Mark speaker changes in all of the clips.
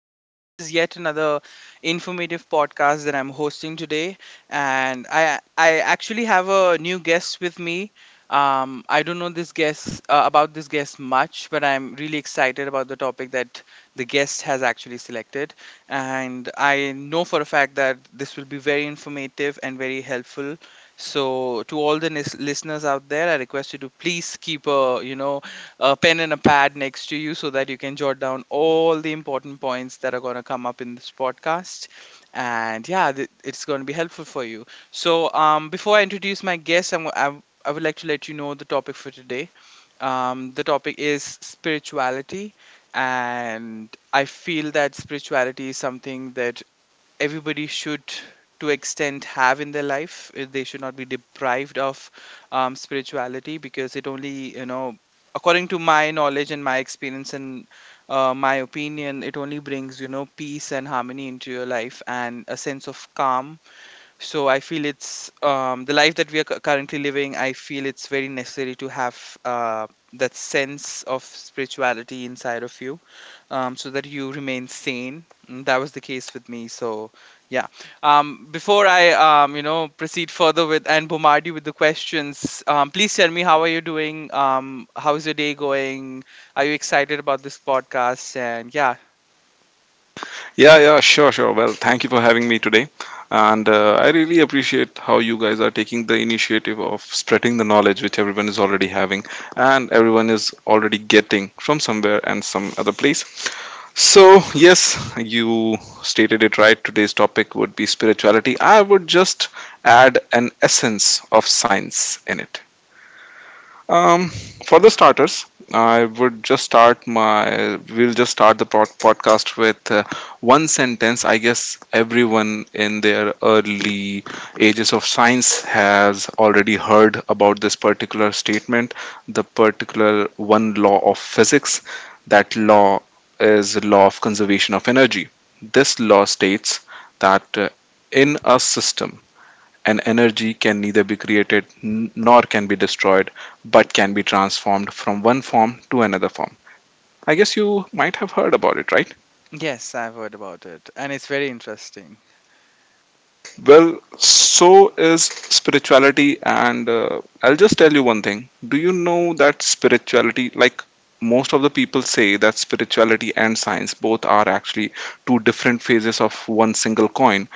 Speaker 1: This is yet another informative podcast that I'm hosting today. And I actually have a new guest with me. I don't know this guest about this guest much, but I'm really excited about the topic that the guest has actually selected. And I know for a fact that this will be very informative and very helpful. So, to all the listeners out there, I request you to please keep a pen and a pad next to you so that you can jot down all the important points that are going to come up in this podcast. And yeah, it's going to be helpful for you. So, before I introduce my guest, I would like to let you know the topic for today. The topic is spirituality, and I feel that spirituality is something that everybody should to extent have in their life. They should not be deprived of spirituality because it only, according to my knowledge and my experience and my opinion, it only brings peace and harmony into your life and a sense of calm. So I feel it's, the life that we are currently living, I feel it's very necessary to have uh, that sense of spirituality inside of you, so that you remain sane. And that was the case with me, so yeah. Before I proceed further with and bombard you with the questions, please tell me, how are you doing? How's your day going? Are you excited about this podcast? And yeah.
Speaker 2: Yeah, yeah, sure, sure. Well, thank you for having me today. And I really appreciate how you guys are taking the initiative of spreading the knowledge which everyone is already having and everyone is already getting from somewhere and some other place. So, yes, you stated it right. Today's topic would be spirituality. I would just add an essence of science in it. Um, for the starters, I would just start my. We'll just start the podcast with one sentence. I guess everyone in their early ages of science has already heard about this particular statement, the particular one law of physics. That law is the law of conservation of energy. This law states that in a system and energy can neither be created nor can be destroyed, but can be transformed from one form to another form. I guess you might have heard about it, right?
Speaker 1: Yes, I've heard about it, and it's very interesting.
Speaker 2: Well, so is spirituality, and I'll just tell you one thing. Do you know that spirituality, like most of the people say that spirituality and science both are actually two different phases of one single coin?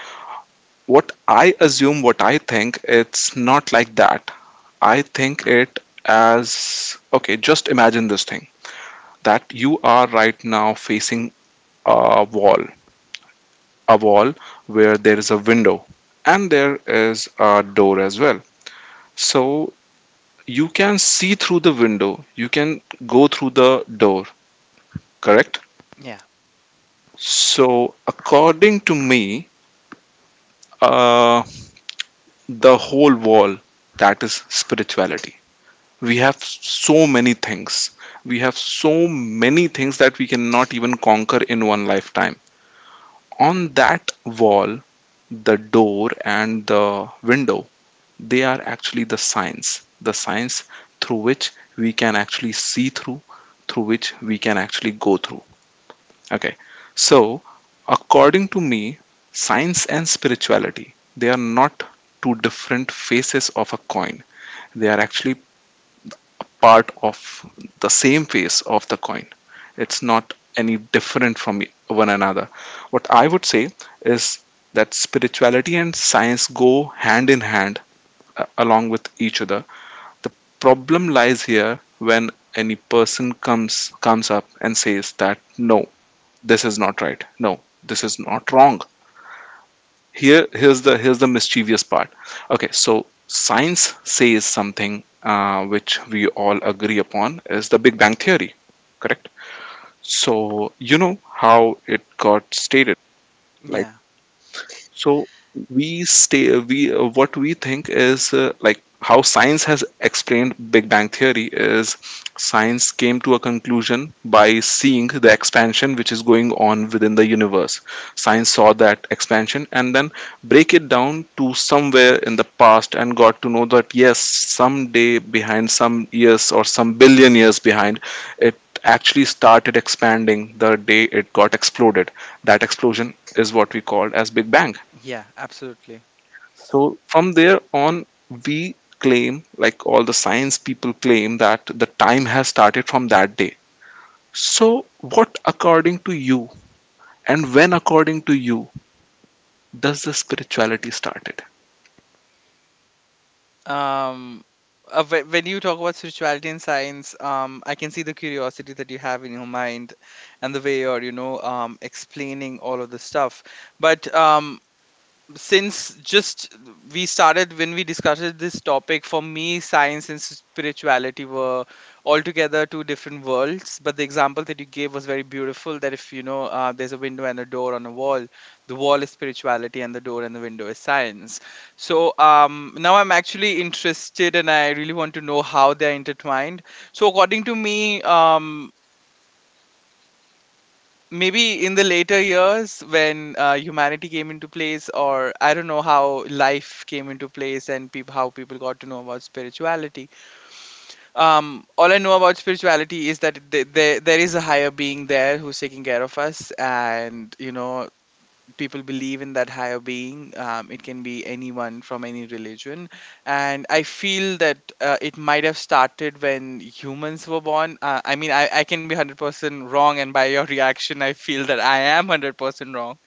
Speaker 2: What I assume, what I think, it's not like that. I think it as, okay, just imagine this thing that you are right now facing a wall, a wall where there is a window and there is a door as well. So you can see through the window, you can go through the door, correct?
Speaker 1: Yeah,
Speaker 2: So, according to me, uh, the whole wall, that is spirituality. We have so many things, we have so many things that we cannot even conquer in one lifetime on that wall. The door and the window, they are actually the signs through which we can actually see through, through which we can actually go through. Okay, so according to me, science and spirituality, they are not two different faces of a coin. They are actually part of the same face of the coin. It's not any different from one another. What I would say is that spirituality and science go hand in hand along with each other. The problem lies here when any person comes up and says that, no, this is not right. No, this is not wrong. Here's the mischievous part. Okay, so science says something which we all agree upon is the big bang theory, correct? So you know how it got stated. Like
Speaker 1: yeah.
Speaker 2: so we stay we what we think is like How science has explained big bang theory is, science came to a conclusion by seeing the expansion which is going on within the universe. Science saw that expansion and then break it down to somewhere in the past and got to know that, yes, someday behind, some years or some billion years behind, it actually started expanding the day it got exploded. That explosion is what we call as big bang.
Speaker 1: Yeah, absolutely.
Speaker 2: So from there on, we claim, like all the science people claim, that the time has started from that day. So, what according to you, and when according to you, does the spirituality started?
Speaker 1: Um, when you talk about spirituality and science, I can see the curiosity that you have in your mind and the way you're, explaining all of the stuff. But since just we started when we discussed this topic, for me science and spirituality were altogether two different worlds. But the example that you gave was very beautiful, that if you know, there's a window and a door on a wall, the wall is spirituality and the door and the window is science. So now I'm actually interested and I really want to know how they're intertwined. So according to me, maybe in the later years when humanity came into place, or I don't know how life came into place and how people got to know about spirituality. All I know about spirituality is that there is a higher being there who's taking care of us, and you know, people believe in that higher being. It can be anyone from any religion. And I feel that it might have started when humans were born. I mean, I can be 100% wrong, and by your reaction I feel that I am 100% wrong,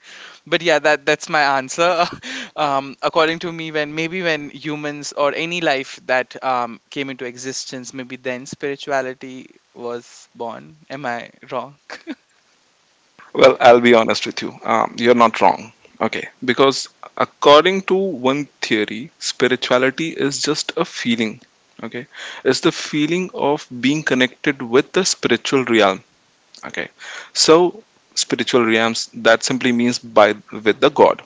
Speaker 1: but yeah, that's my answer. According to me, when maybe when humans, or any life that came into existence, maybe then spirituality was born. Am I wrong?
Speaker 2: Well, I'll be honest with you. You're not wrong. Okay, because according to one theory, spirituality is just a feeling. Okay, it's the feeling of being connected with the spiritual realm. Okay, so spiritual realms, that simply means by with the god.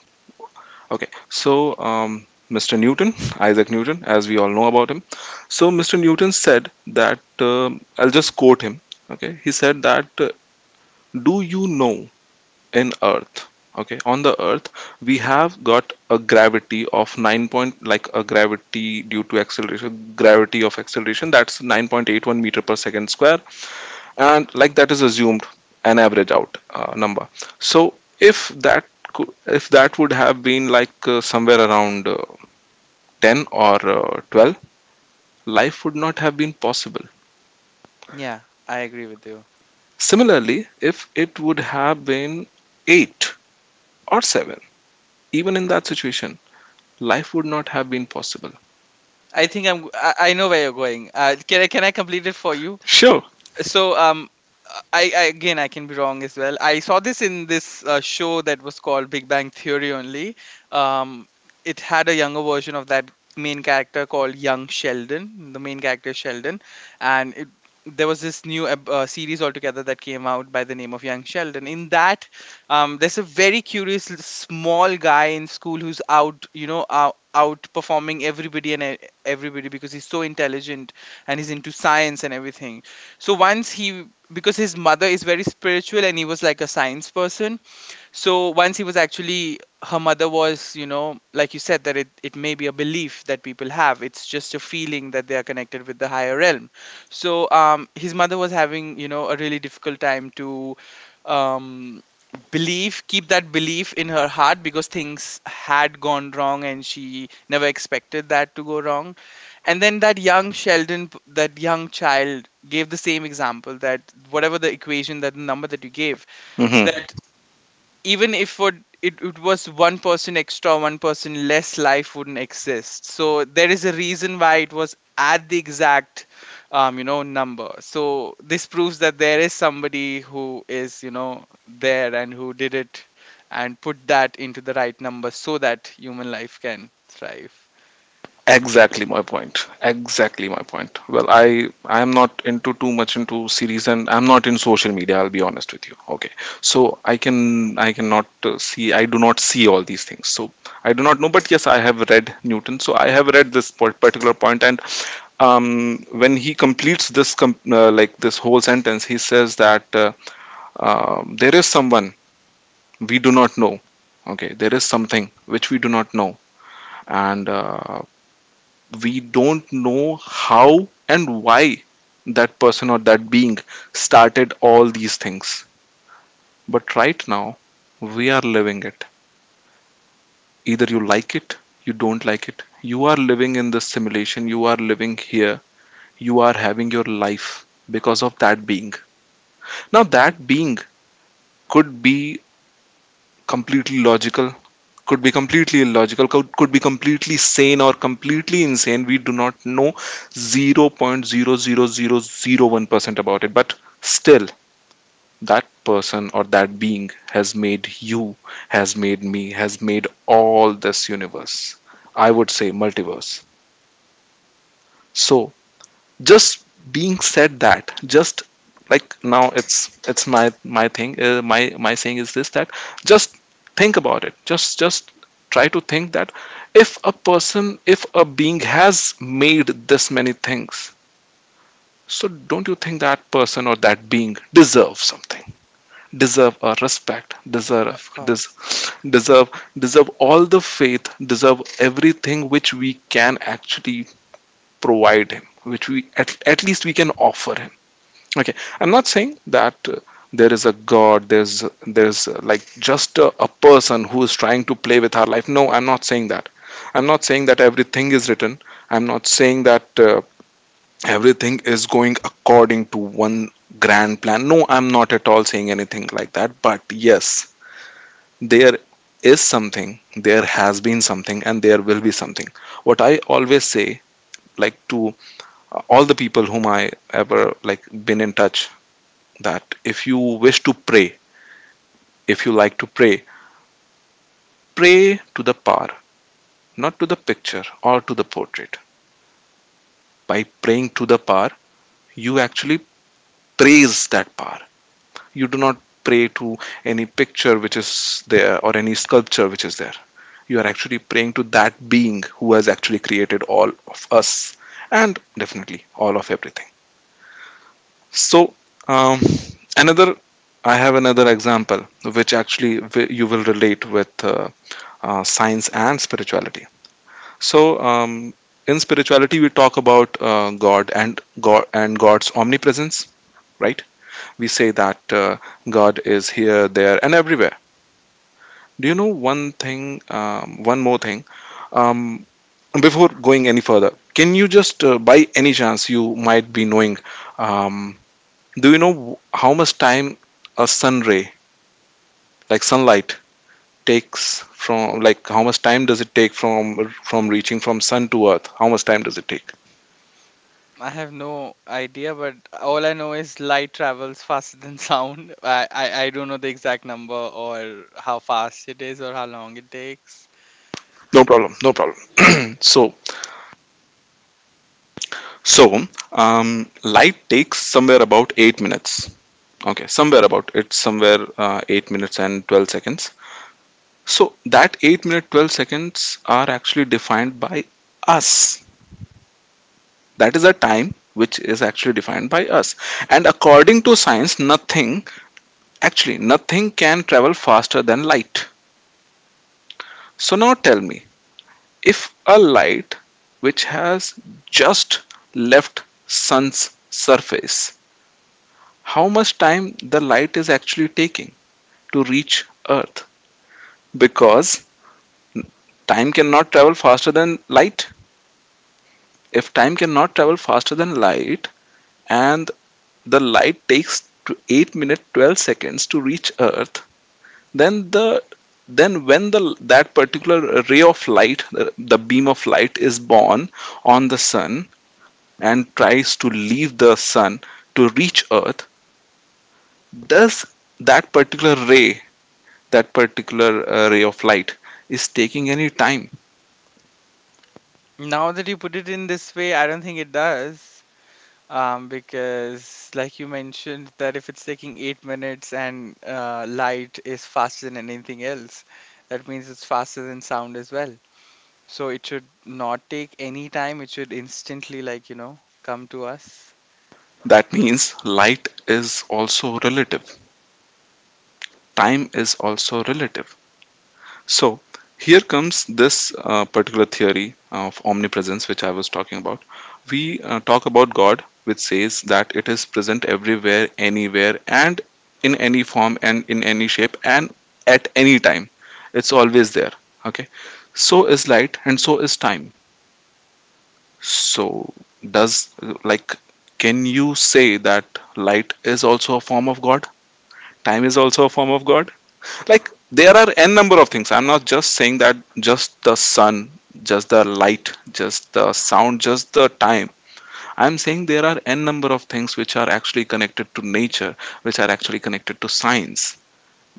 Speaker 2: Okay. Mr Newton, Isaac Newton, as we all know about him. So Mr Newton said that, I'll just quote him. Okay, he said that, do you know, in earth, okay, on the earth, we have got a gravity of 9 point, like a gravity due to acceleration, gravity of acceleration, that's 9.81 meter per second square. And like that is assumed an average out number. So if that, if that would have been like somewhere around 10 or 12, life would not have been possible.
Speaker 1: Yeah, I agree with you.
Speaker 2: Similarly, if it would have been 8 or 7, even in that situation, life would not have been possible.
Speaker 1: I think I know where you're going. Can I complete it for you?
Speaker 2: Sure.
Speaker 1: So um, I again, I can be wrong as well. I saw this in this show that was called Big Bang Theory only. Um, it had a younger version of that main character called Young Sheldon. The main character is Sheldon, and it, there was this new series altogether that came out by the name of Young Sheldon. In that, there's a very curious small guy in school who's outperforming everybody because he's so intelligent and he's into science and everything. So once he, because his mother is very spiritual and he was like a science person, so once he was actually, her mother was, you know, like you said, that it may be a belief that people have. It's just a feeling that they are connected with the higher realm. So his mother was having, you know, a really difficult time to um, believe, keep that belief in her heart because things had gone wrong and she never expected that to go wrong. And then that young Sheldon, that young child, gave the same example that whatever the equation, that number that you gave,
Speaker 2: Hmm.
Speaker 1: that even if would it, it was one person extra, one person less, life wouldn't exist. So there is a reason why it was at the exact, um, number. So this proves that there is somebody who is, you know, there and who did it and put that into the right number so that human life can thrive.
Speaker 2: Exactly my point. Exactly my point. Well, I am not into too much into series and I'm not in social media, I'll be honest with you. Okay. So I cannot, see, I do not see all these things. So I do not know, but yes, I have read Newton. So I have read this particular point. And when he completes this like this whole sentence, he says that there is someone we do not know. Okay, there is something which we do not know. And we don't know how and why that person or that being started all these things. But right now, we are living it. Either you like it, you don't like it. You are living in this simulation, you are living here, you are having your life because of that being. Now, that being could be completely logical, could be completely illogical, could be completely sane or completely insane. We do not know 0.00001% about it. But still, that person or that being has made you, has made me, has made all this universe. I would say multiverse. So, just being said that, just like now, it's my thing, my saying is this, that just think about it, just try to think that if a person, if a being has made this many things, so don't you think that person or that being deserves something, deserve a respect,
Speaker 1: Of
Speaker 2: des,
Speaker 1: course.
Speaker 2: deserve deserve all the faith, deserve everything which we can actually provide him, which we at least we can offer him. Okay, I'm not saying that there is a God, there's like just a person who is trying to play with our life. No, I'm not saying that. I'm not saying that everything is written. I'm not saying that everything is going according to one grand plan. No, I'm not at all saying anything like that. But yes, there is something, there has been something, and there will be something. What I always say, like to all the people whom I ever like been in touch, that if you wish to pray, if you like to pray, pray to the power, not to the picture or to the portrait. By praying to the power, you actually praise that power. You do not pray to any picture which is there or any sculpture which is there. You are actually praying to that being who has actually created all of us and definitely all of everything. So, um, another, I have another example which actually you will relate with, science and spirituality. So, in spirituality, we talk about God and God and God's omnipresence, right? We say that God is here, there, and everywhere. Do you know one thing? One more thing. Um, Before going any further, can you just, by any chance, you might be knowing, um, do you know how much time a sun ray, like sunlight, takes from, like, how much time does it take from reaching from sun to earth, how much time does it take?
Speaker 1: I have no idea, but all I know is light travels faster than sound. I don't know the exact number or how fast it is or how long it takes.
Speaker 2: No problem, no problem. So so um, light takes somewhere about 8 minutes. Okay, somewhere about, it's somewhere, 8 minutes and 12 seconds. So that 8 minute 12 seconds are actually defined by us. That is a time which is actually defined by us. And according to science, nothing, actually nothing can travel faster than light. So now tell me, if a light which has just left sun's surface, how much time the light is actually taking to reach earth? Because time cannot travel faster than light. If time cannot travel faster than light and the light takes to 8 minute 12 seconds to reach earth, then the, then when the, that particular ray of light, the beam of light is born on the sun and tries to leave the sun to reach earth, does that particular ray, that particular ray of light, is taking any time?
Speaker 1: Now that you put it in this way, I don't think it does. Because like you mentioned that if it's taking 8 minutes, and light is faster than anything else, that means it's faster than sound as well. So it should not take any time. It should instantly, like, you know, come to us.
Speaker 2: That means light is also relative, time is also relative. So here comes this particular theory of omnipresence, which I was talking about. We talk about God, which says that it is present everywhere, anywhere, and in any form and in any shape and at any time. It's always there. Okay. So is light and so is time. So does, like, can you say that light is also a form of God? Time is also a form of God? Like, there are n number of things. I'm not just saying that just the sun, just the light, just the sound, just the time. I'm saying there are n number of things which are actually connected to nature, which are actually connected to science,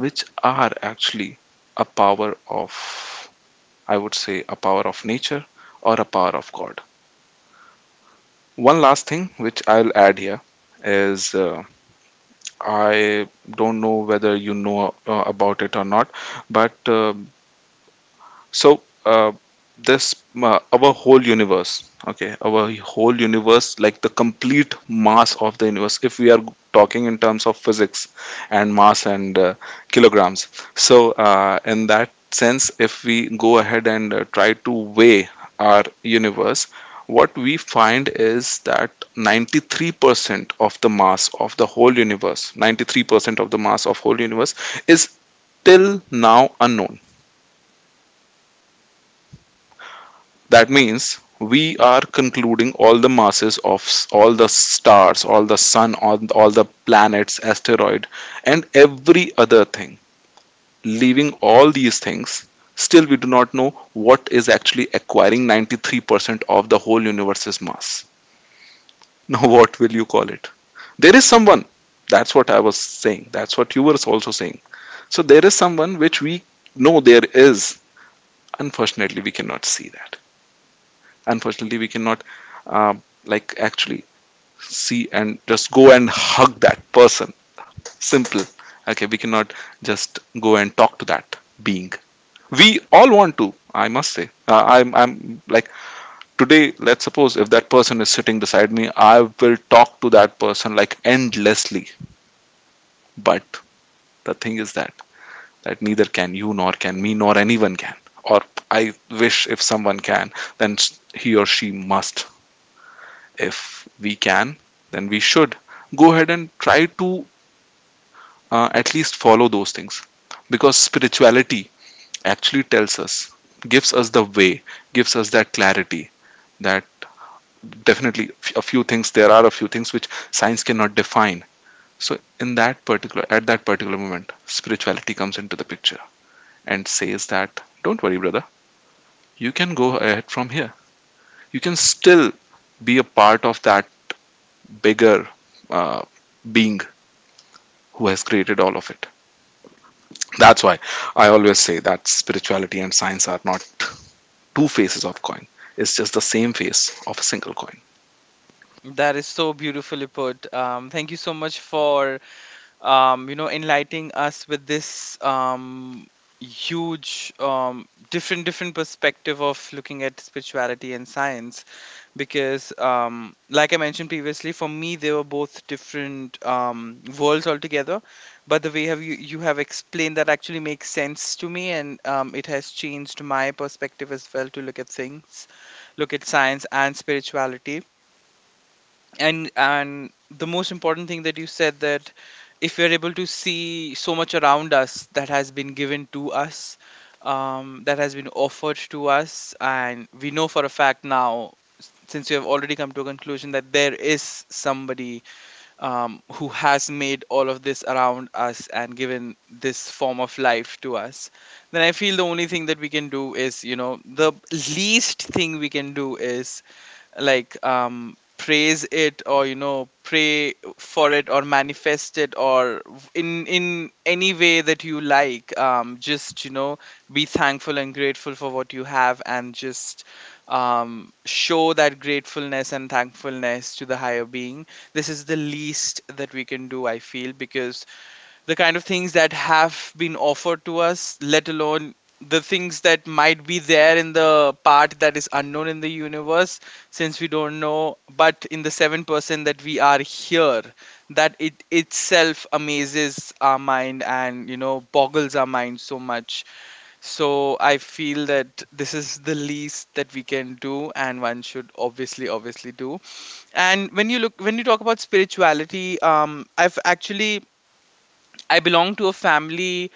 Speaker 2: which are actually a power of, I would say a power of nature or a power of god. One last thing which I'll add here is, I don't know whether you know about it or not, but So, uh, this our whole universe, okay, our whole universe, like the complete mass of the universe, if we are talking in terms of physics and mass and kilograms. So, in that sense, if we go ahead and try to weigh our universe, what we find is that 93% of the mass of the whole universe, 93% of the mass of whole universe is till now unknown. That means we are concluding all the masses of all the stars, all the sun, all the planets, asteroid, and every other thing. Leaving all these things, still we do not know what is actually acquiring 93% of the whole universe's mass. Now, what will you call it? There is someone. That's what I was saying. That's what you were also saying. So, there is someone which we know there is. Unfortunately, we cannot see that. Unfortunately we cannot, like actually see and just go and hug that person. Simple. Okay, we cannot just go and talk to that being. We all want to, I must say, I'm like, today let's suppose if that person is sitting beside me, I will talk to that person like endlessly. But the thing is that, that neither can you, nor can me, nor anyone can. Or I wish if someone can, then he or she must. If we can, then we should go ahead and try to, at least follow those things, because spirituality actually tells us, gives us the way, gives us that clarity, that definitely a few things, there are a few things which science cannot define. So, in that particular, at that particular moment, spirituality comes into the picture and says that, don't worry, brother, you can go ahead from here. You can still be a part of that bigger, uh, being who has created all of it. That's why I always say that spirituality and science are not two faces of coin. It's just the same face of a single coin.
Speaker 1: That is so beautifully put. Thank you so much for you know, enlightening us with this huge, different different perspective of looking at spirituality and science, because like I mentioned previously, for me they were both different worlds altogether. But the way have you you have explained that actually makes sense to me, and it has changed my perspective as well to look at things, look at science and spirituality. And the most important thing that you said, that if we are able to see so much around us that has been given to us, that has been offered to us, and we know for a fact now, since you have already come to a conclusion that there is somebody who has made all of this around us and given this form of life to us, then I feel the only thing that we can do is, you know, the least thing we can do is, like, um, praise it, or you know, pray for it, or manifest it, or in any way that you like, um, just, you know, be thankful and grateful for what you have, and just, show that gratefulness and thankfulness to the higher being. This is the least that we can do, I feel, because the kind of things that have been offered to us, let alone the things that might be there in the part that is unknown in the universe, since we don't know. But in the 7% that we are here, that it itself amazes our mind and, you know, boggles our mind so much. So I feel that this is the least that we can do, and one should obviously, obviously do. And when you look, when you talk about spirituality, I've actually, I belong to a family.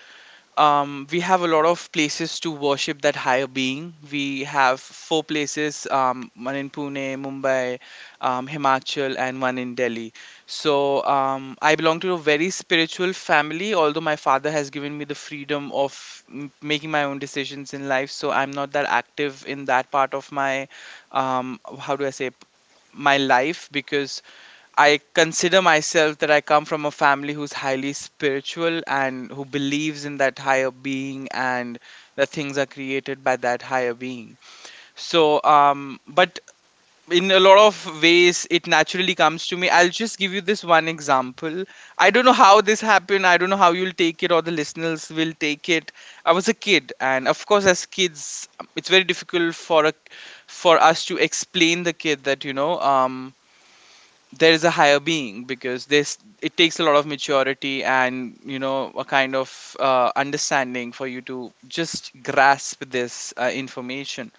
Speaker 1: We have a lot of places to worship that higher being. We have four places: one in Pune, Mumbai, Himachal, and one in Delhi. So I belong to a very spiritual family. Although my father has given me the freedom of making my own decisions in life, so I'm not that active in that part of my, how do I say, my life, because I consider myself that I come from a family who's highly spiritual and who believes in that higher being and that things are created by that higher being. So, but in a lot of ways, it naturally comes to me. I'll just give you this one example. I don't know how this happened. I don't know how you'll take it or the listeners will take it. I was a kid, and of course, as kids, it's very difficult for a, for us to explain the kid that, you know. There is a higher being, because this, it takes a lot of maturity and, you know, a kind of understanding for you to just grasp this information.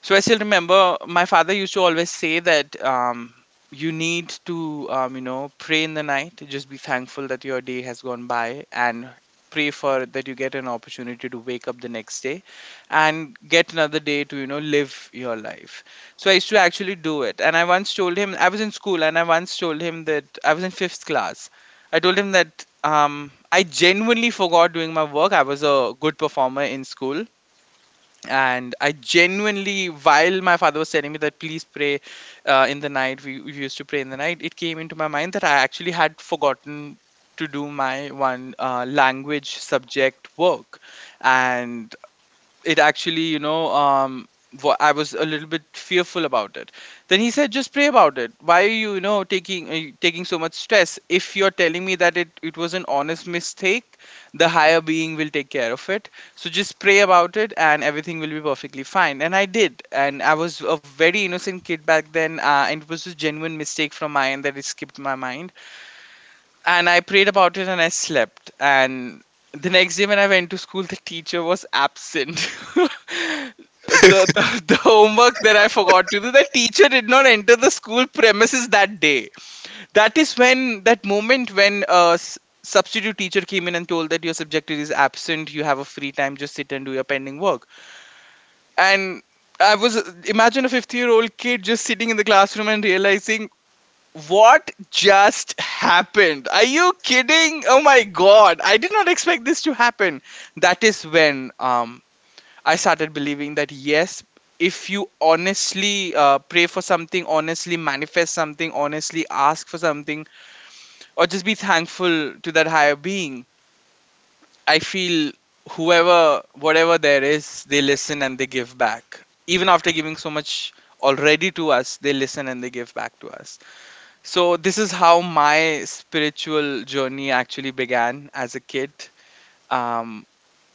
Speaker 1: So I still remember my father used to always say that, you need to, you know, pray in the night. Just be thankful that your day has gone by and pray for that you get an opportunity to wake up the next day and get another day to, you know, live your life. So I used to actually do it. And I once told him, I was in school and I once told him that I was in fifth class. I told him that I genuinely forgot doing my work. I was a good performer in school, and I genuinely, while my father was telling me that please pray in the night, we used to pray in the night, it came into my mind that I actually had forgotten to do my one language subject work. And it actually, I was a little bit fearful about it. Then he said, just pray about it. Why are you, you know taking taking so much stress, if you're telling me that it was an honest mistake? The higher being will take care of it. So just pray about it and everything will be perfectly fine. And I did, and I was a very innocent kid back then, and it was a genuine mistake from my end that it skipped my mind. And I prayed about it and I slept. And the next day when I went to school, the teacher was absent. The homework that I forgot to do, the teacher did not enter the school premises that day. That is when, that moment when, substitute teacher came in and told that your subject is absent, you have a free time, just sit and do your pending work. And I was, imagine a 50-year old kid just sitting in the classroom and realizing, what just happened? Are you kidding? Oh my god. I did not expect this to happen. That is when, I started believing that yes, if you honestly pray for something, honestly manifest something, honestly ask for something, or just be thankful to that higher being, I feel whoever, whatever there is, they listen and they give back. Even after giving so much already to us, they listen and they give back to us. So this is how my spiritual journey actually began as a kid. Um,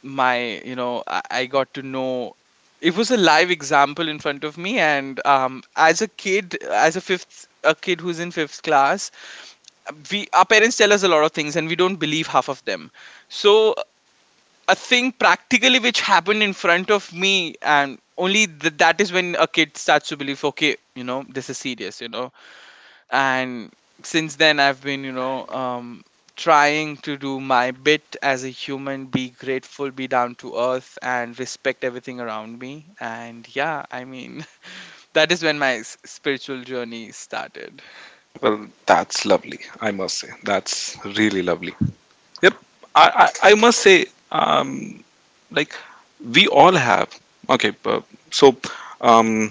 Speaker 1: my, I got to know. It was a live example in front of me, and as a kid, as a kid who's in fifth class, we, our parents tell us a lot of things, and we don't believe half of them. So a thing practically which happened in front of me, and only that is when a kid starts to believe, okay, you know, this is serious, you know. And since then, I've been, trying to do my bit as a human, be grateful, be down to earth, and respect everything around me. And yeah, I mean, that is when my spiritual journey started.
Speaker 2: Well, that's lovely. I must say that's really lovely. Yep. I must say, um like, we all have, okay. So um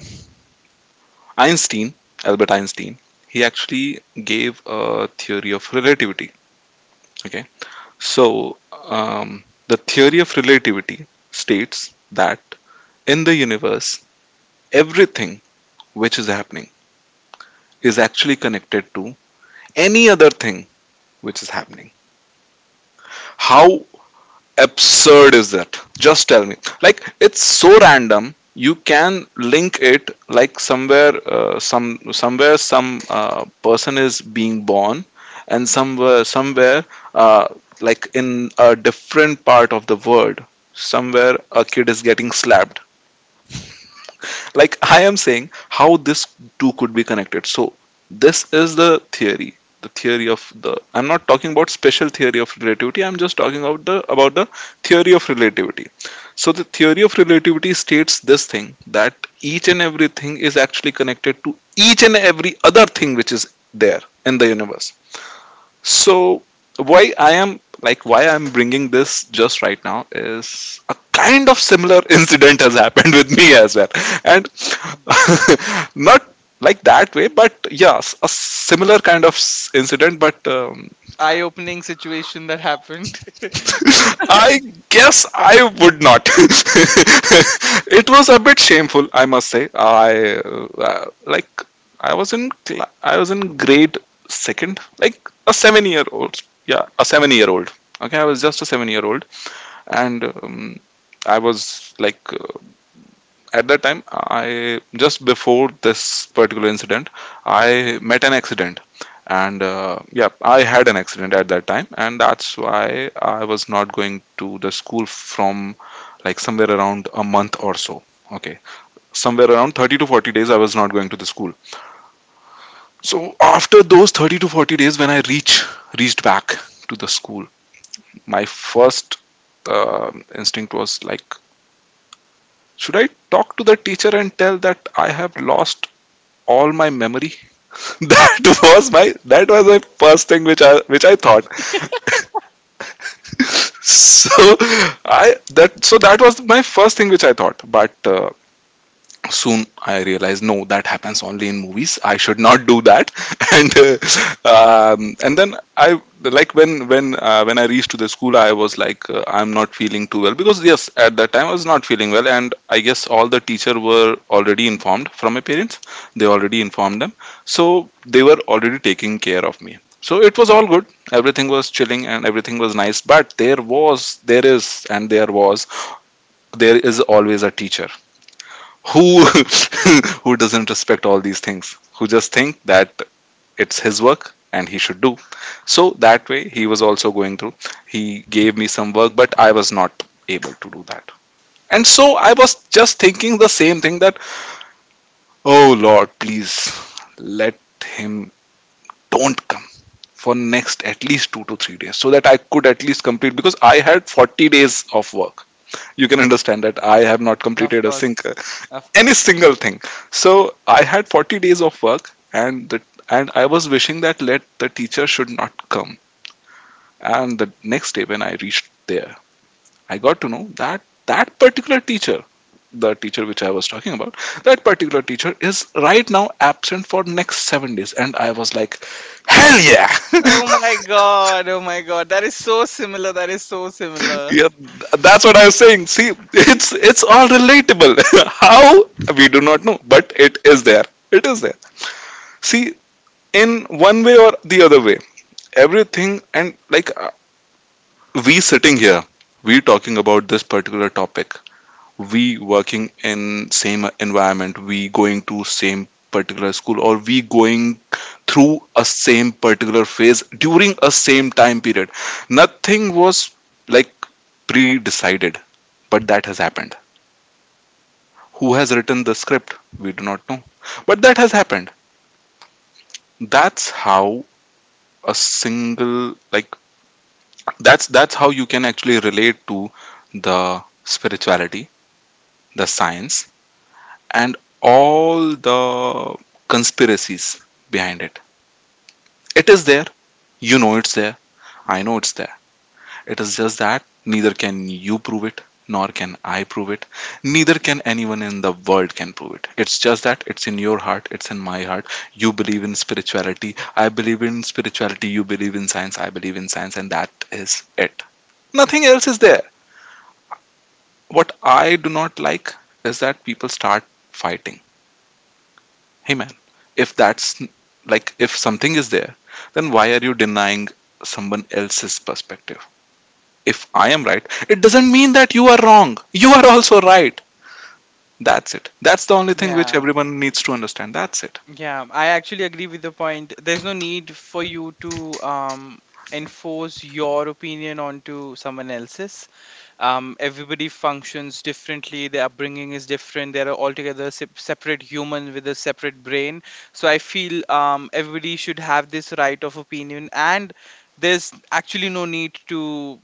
Speaker 2: Einstein Albert Einstein, he actually gave a theory of relativity. Okay. So, um the theory of relativity states that in the universe everything which is happening is actually connected to any other thing which is happening. How absurd is that? Just tell me. Like, it's so random. You can link it like somewhere, somewhere, some person is being born, and somewhere, uh, like in a different part of the world, somewhere a kid is getting slapped. Like, I am saying how this two could be connected. So this is the theory, the theory of the, I'm not talking about special theory of relativity. I'm just talking about the theory of relativity. So the theory of relativity states this thing, that each and everything is actually connected to each and every other thing which is there in the universe. So why I'm bringing this just right now is, a kind of similar incident has happened with me as well, and not like that way, but yes, a similar kind of incident, but
Speaker 1: Eye opening situation that happened.
Speaker 2: I guess I would not. It was a bit shameful, I must say. I, like, I was in grade second, like a 7 year old. Yeah, a 7 year old. Okay, I was just a 7 year old, and I was like, at that time, I just before this particular incident I met an accident, and yeah, I had an accident at that time, and that's why I was not going to the school from like somewhere around a month or so. Okay, somewhere around 30 to 40 days I was not going to the school. So after those 30 to 40 days, when I reach reached back to the school, my first uh, instinct was like, should I talk to the teacher and tell that I have lost all my memory. That was my, that was my first thing which I thought. So I that, so that was my first thing which I thought. But soon I realized, no, that happens only in movies, I should not do that. And and then I like when I reached to the school, I was like, I'm not feeling too well, because yes, at that time I was not feeling well, and I guess all the teacher were already informed from my parents. They already informed them. So they were already taking care of me. So it was all good. Everything was chilling and everything was nice. But there is and there was, there is always a teacher who who doesn't respect all these things, who just think that it's his work and he should do. So that way, he was also going through. He gave me some work, but I was not able to do that. And so I was just thinking the same thing, that oh lord, please let him don't come for next at least 2 to 3 days, so that I could at least complete, because I had 40 days of work. You can understand that I have not
Speaker 1: Of
Speaker 2: completed a
Speaker 1: course, of
Speaker 2: any
Speaker 1: course.
Speaker 2: single thing. So I had 40 days of work, and the, and I was wishing that let the teacher should not come. And the next day when I reached there, I got to know that that particular teacher, the teacher which I was talking about, that particular teacher is right now absent for next 7 days, and I was like, hell yeah.
Speaker 1: Oh my god, oh my god, that is so similar, that is so similar.
Speaker 2: Yeah, that's what I was saying. See, it's all relatable. How, we do not know, but it is there. It is there. See, in one way or the other way, everything, and like, we sitting here, we talking about this particular topic, we working in same environment, we going to same particular school, or we going through a same particular phase during a same time period. Nothing was like pre-decided, but that has happened. Who has written the script, we do not know, but that has happened. That's how a single, like, that's how you can actually relate to the spirituality, the science, and all the conspiracies behind it. It is there. You know it's there, I know it's there. It is just that neither can you prove it, nor can I prove it, neither can anyone in the world can prove it. It's just that it's in your heart, it's in my heart. You believe in spirituality, I believe in spirituality, you believe in science, I believe in science, and that is it. Nothing else is there. What I do not like is that people start fighting. Hey man, if that's, like, if something is there, then why are you denying someone else's perspective? If I am right, it doesn't mean that you are wrong. You are also right. That's it. That's the only thing which
Speaker 1: Yeah.
Speaker 2: everyone needs to understand. That's it.
Speaker 1: Yeah, I actually agree with the point. There's no need for you to, enforce your opinion onto someone else's. Everybody functions differently. Their upbringing is different. They're altogether separate human with a separate brain. So I feel, everybody should have this right of opinion, and there's actually no need to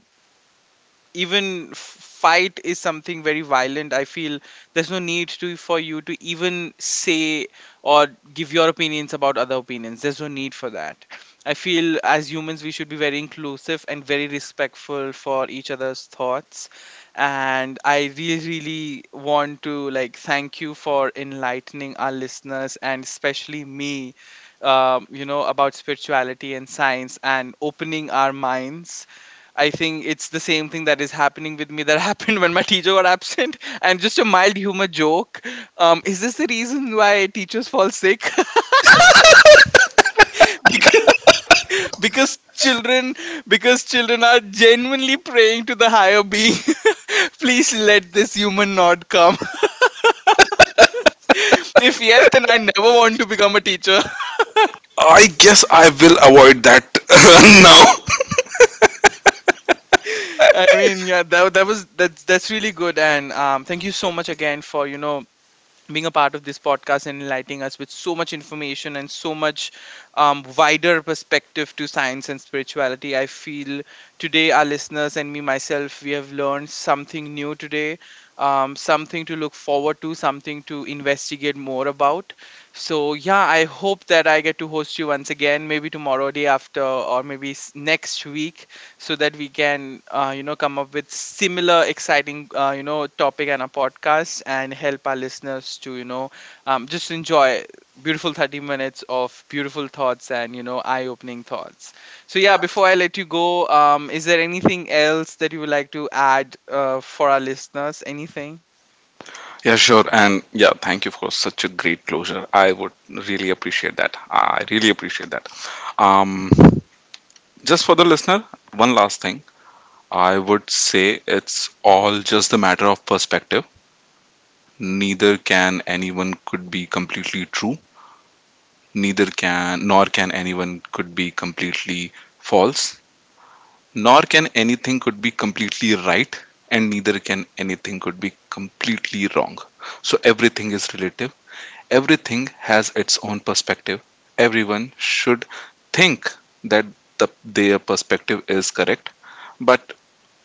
Speaker 1: even fight. Is something very violent, I feel. There's no need to, for you to even say or give your opinions about other opinions. There's no need for that. I feel as humans, we should be very inclusive and very respectful for each other's thoughts. And I really, really want to, like, thank you for enlightening our listeners and especially me, you know, about spirituality and science and opening our minds. I think it's the same thing that is happening with me, that happened when my teacher got absent, and just a mild humor joke. Is this the reason why teachers fall sick? because because children, because children are genuinely praying to the higher being. Please let this human not come. If yes, then I never want to become a teacher.
Speaker 2: I guess I will avoid that now.
Speaker 1: I mean, yeah, that that was that's really good, and thank you so much again for, you know, being a part of this podcast and enlightening us with so much information and so much, wider perspective to science and spirituality. I feel today, our listeners and me myself, we have learned something new today, something to look forward to, something to investigate more about. So, yeah, I hope that I get to host you once again, maybe tomorrow, day after, or maybe next week, so that we can, you know, come up with similar exciting, you know, topic and a podcast, and help our listeners to, you know, just enjoy beautiful 30 minutes of beautiful thoughts and, you know, eye-opening thoughts. So yeah, before I let you go, is there anything else that you would like to add, for our listeners, anything?
Speaker 2: Yeah, sure. And yeah, thank you for such a great closure. I would really appreciate that. I really appreciate that. Um, Just for the listener, one last thing. I would say it's all just a matter of perspective. Neither can anyone could be completely true. Neither can nor can anyone could be completely false. Nor can anything could be completely right, and neither can anything could be completely wrong. So everything is relative. Everything has its own perspective. Everyone should think that their perspective is correct, but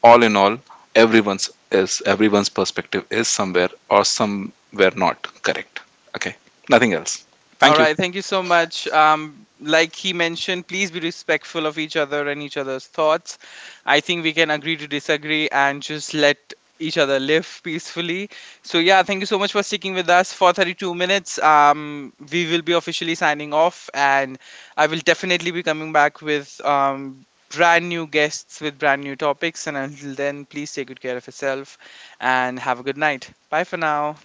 Speaker 2: all in all, everyone's perspective is somewhere or somewhere not correct. Okay, nothing else.
Speaker 1: All
Speaker 2: Thank you.
Speaker 1: right, thank you so much. Like he mentioned, please be respectful of each other and each other's thoughts. I think we can agree to disagree and just let each other live peacefully. So yeah, thank you so much for sticking with us for 32 minutes. We will be officially signing off, and I will definitely be coming back with brand new guests with brand new topics. And until then, please take good care of yourself and have a good night. Bye for now.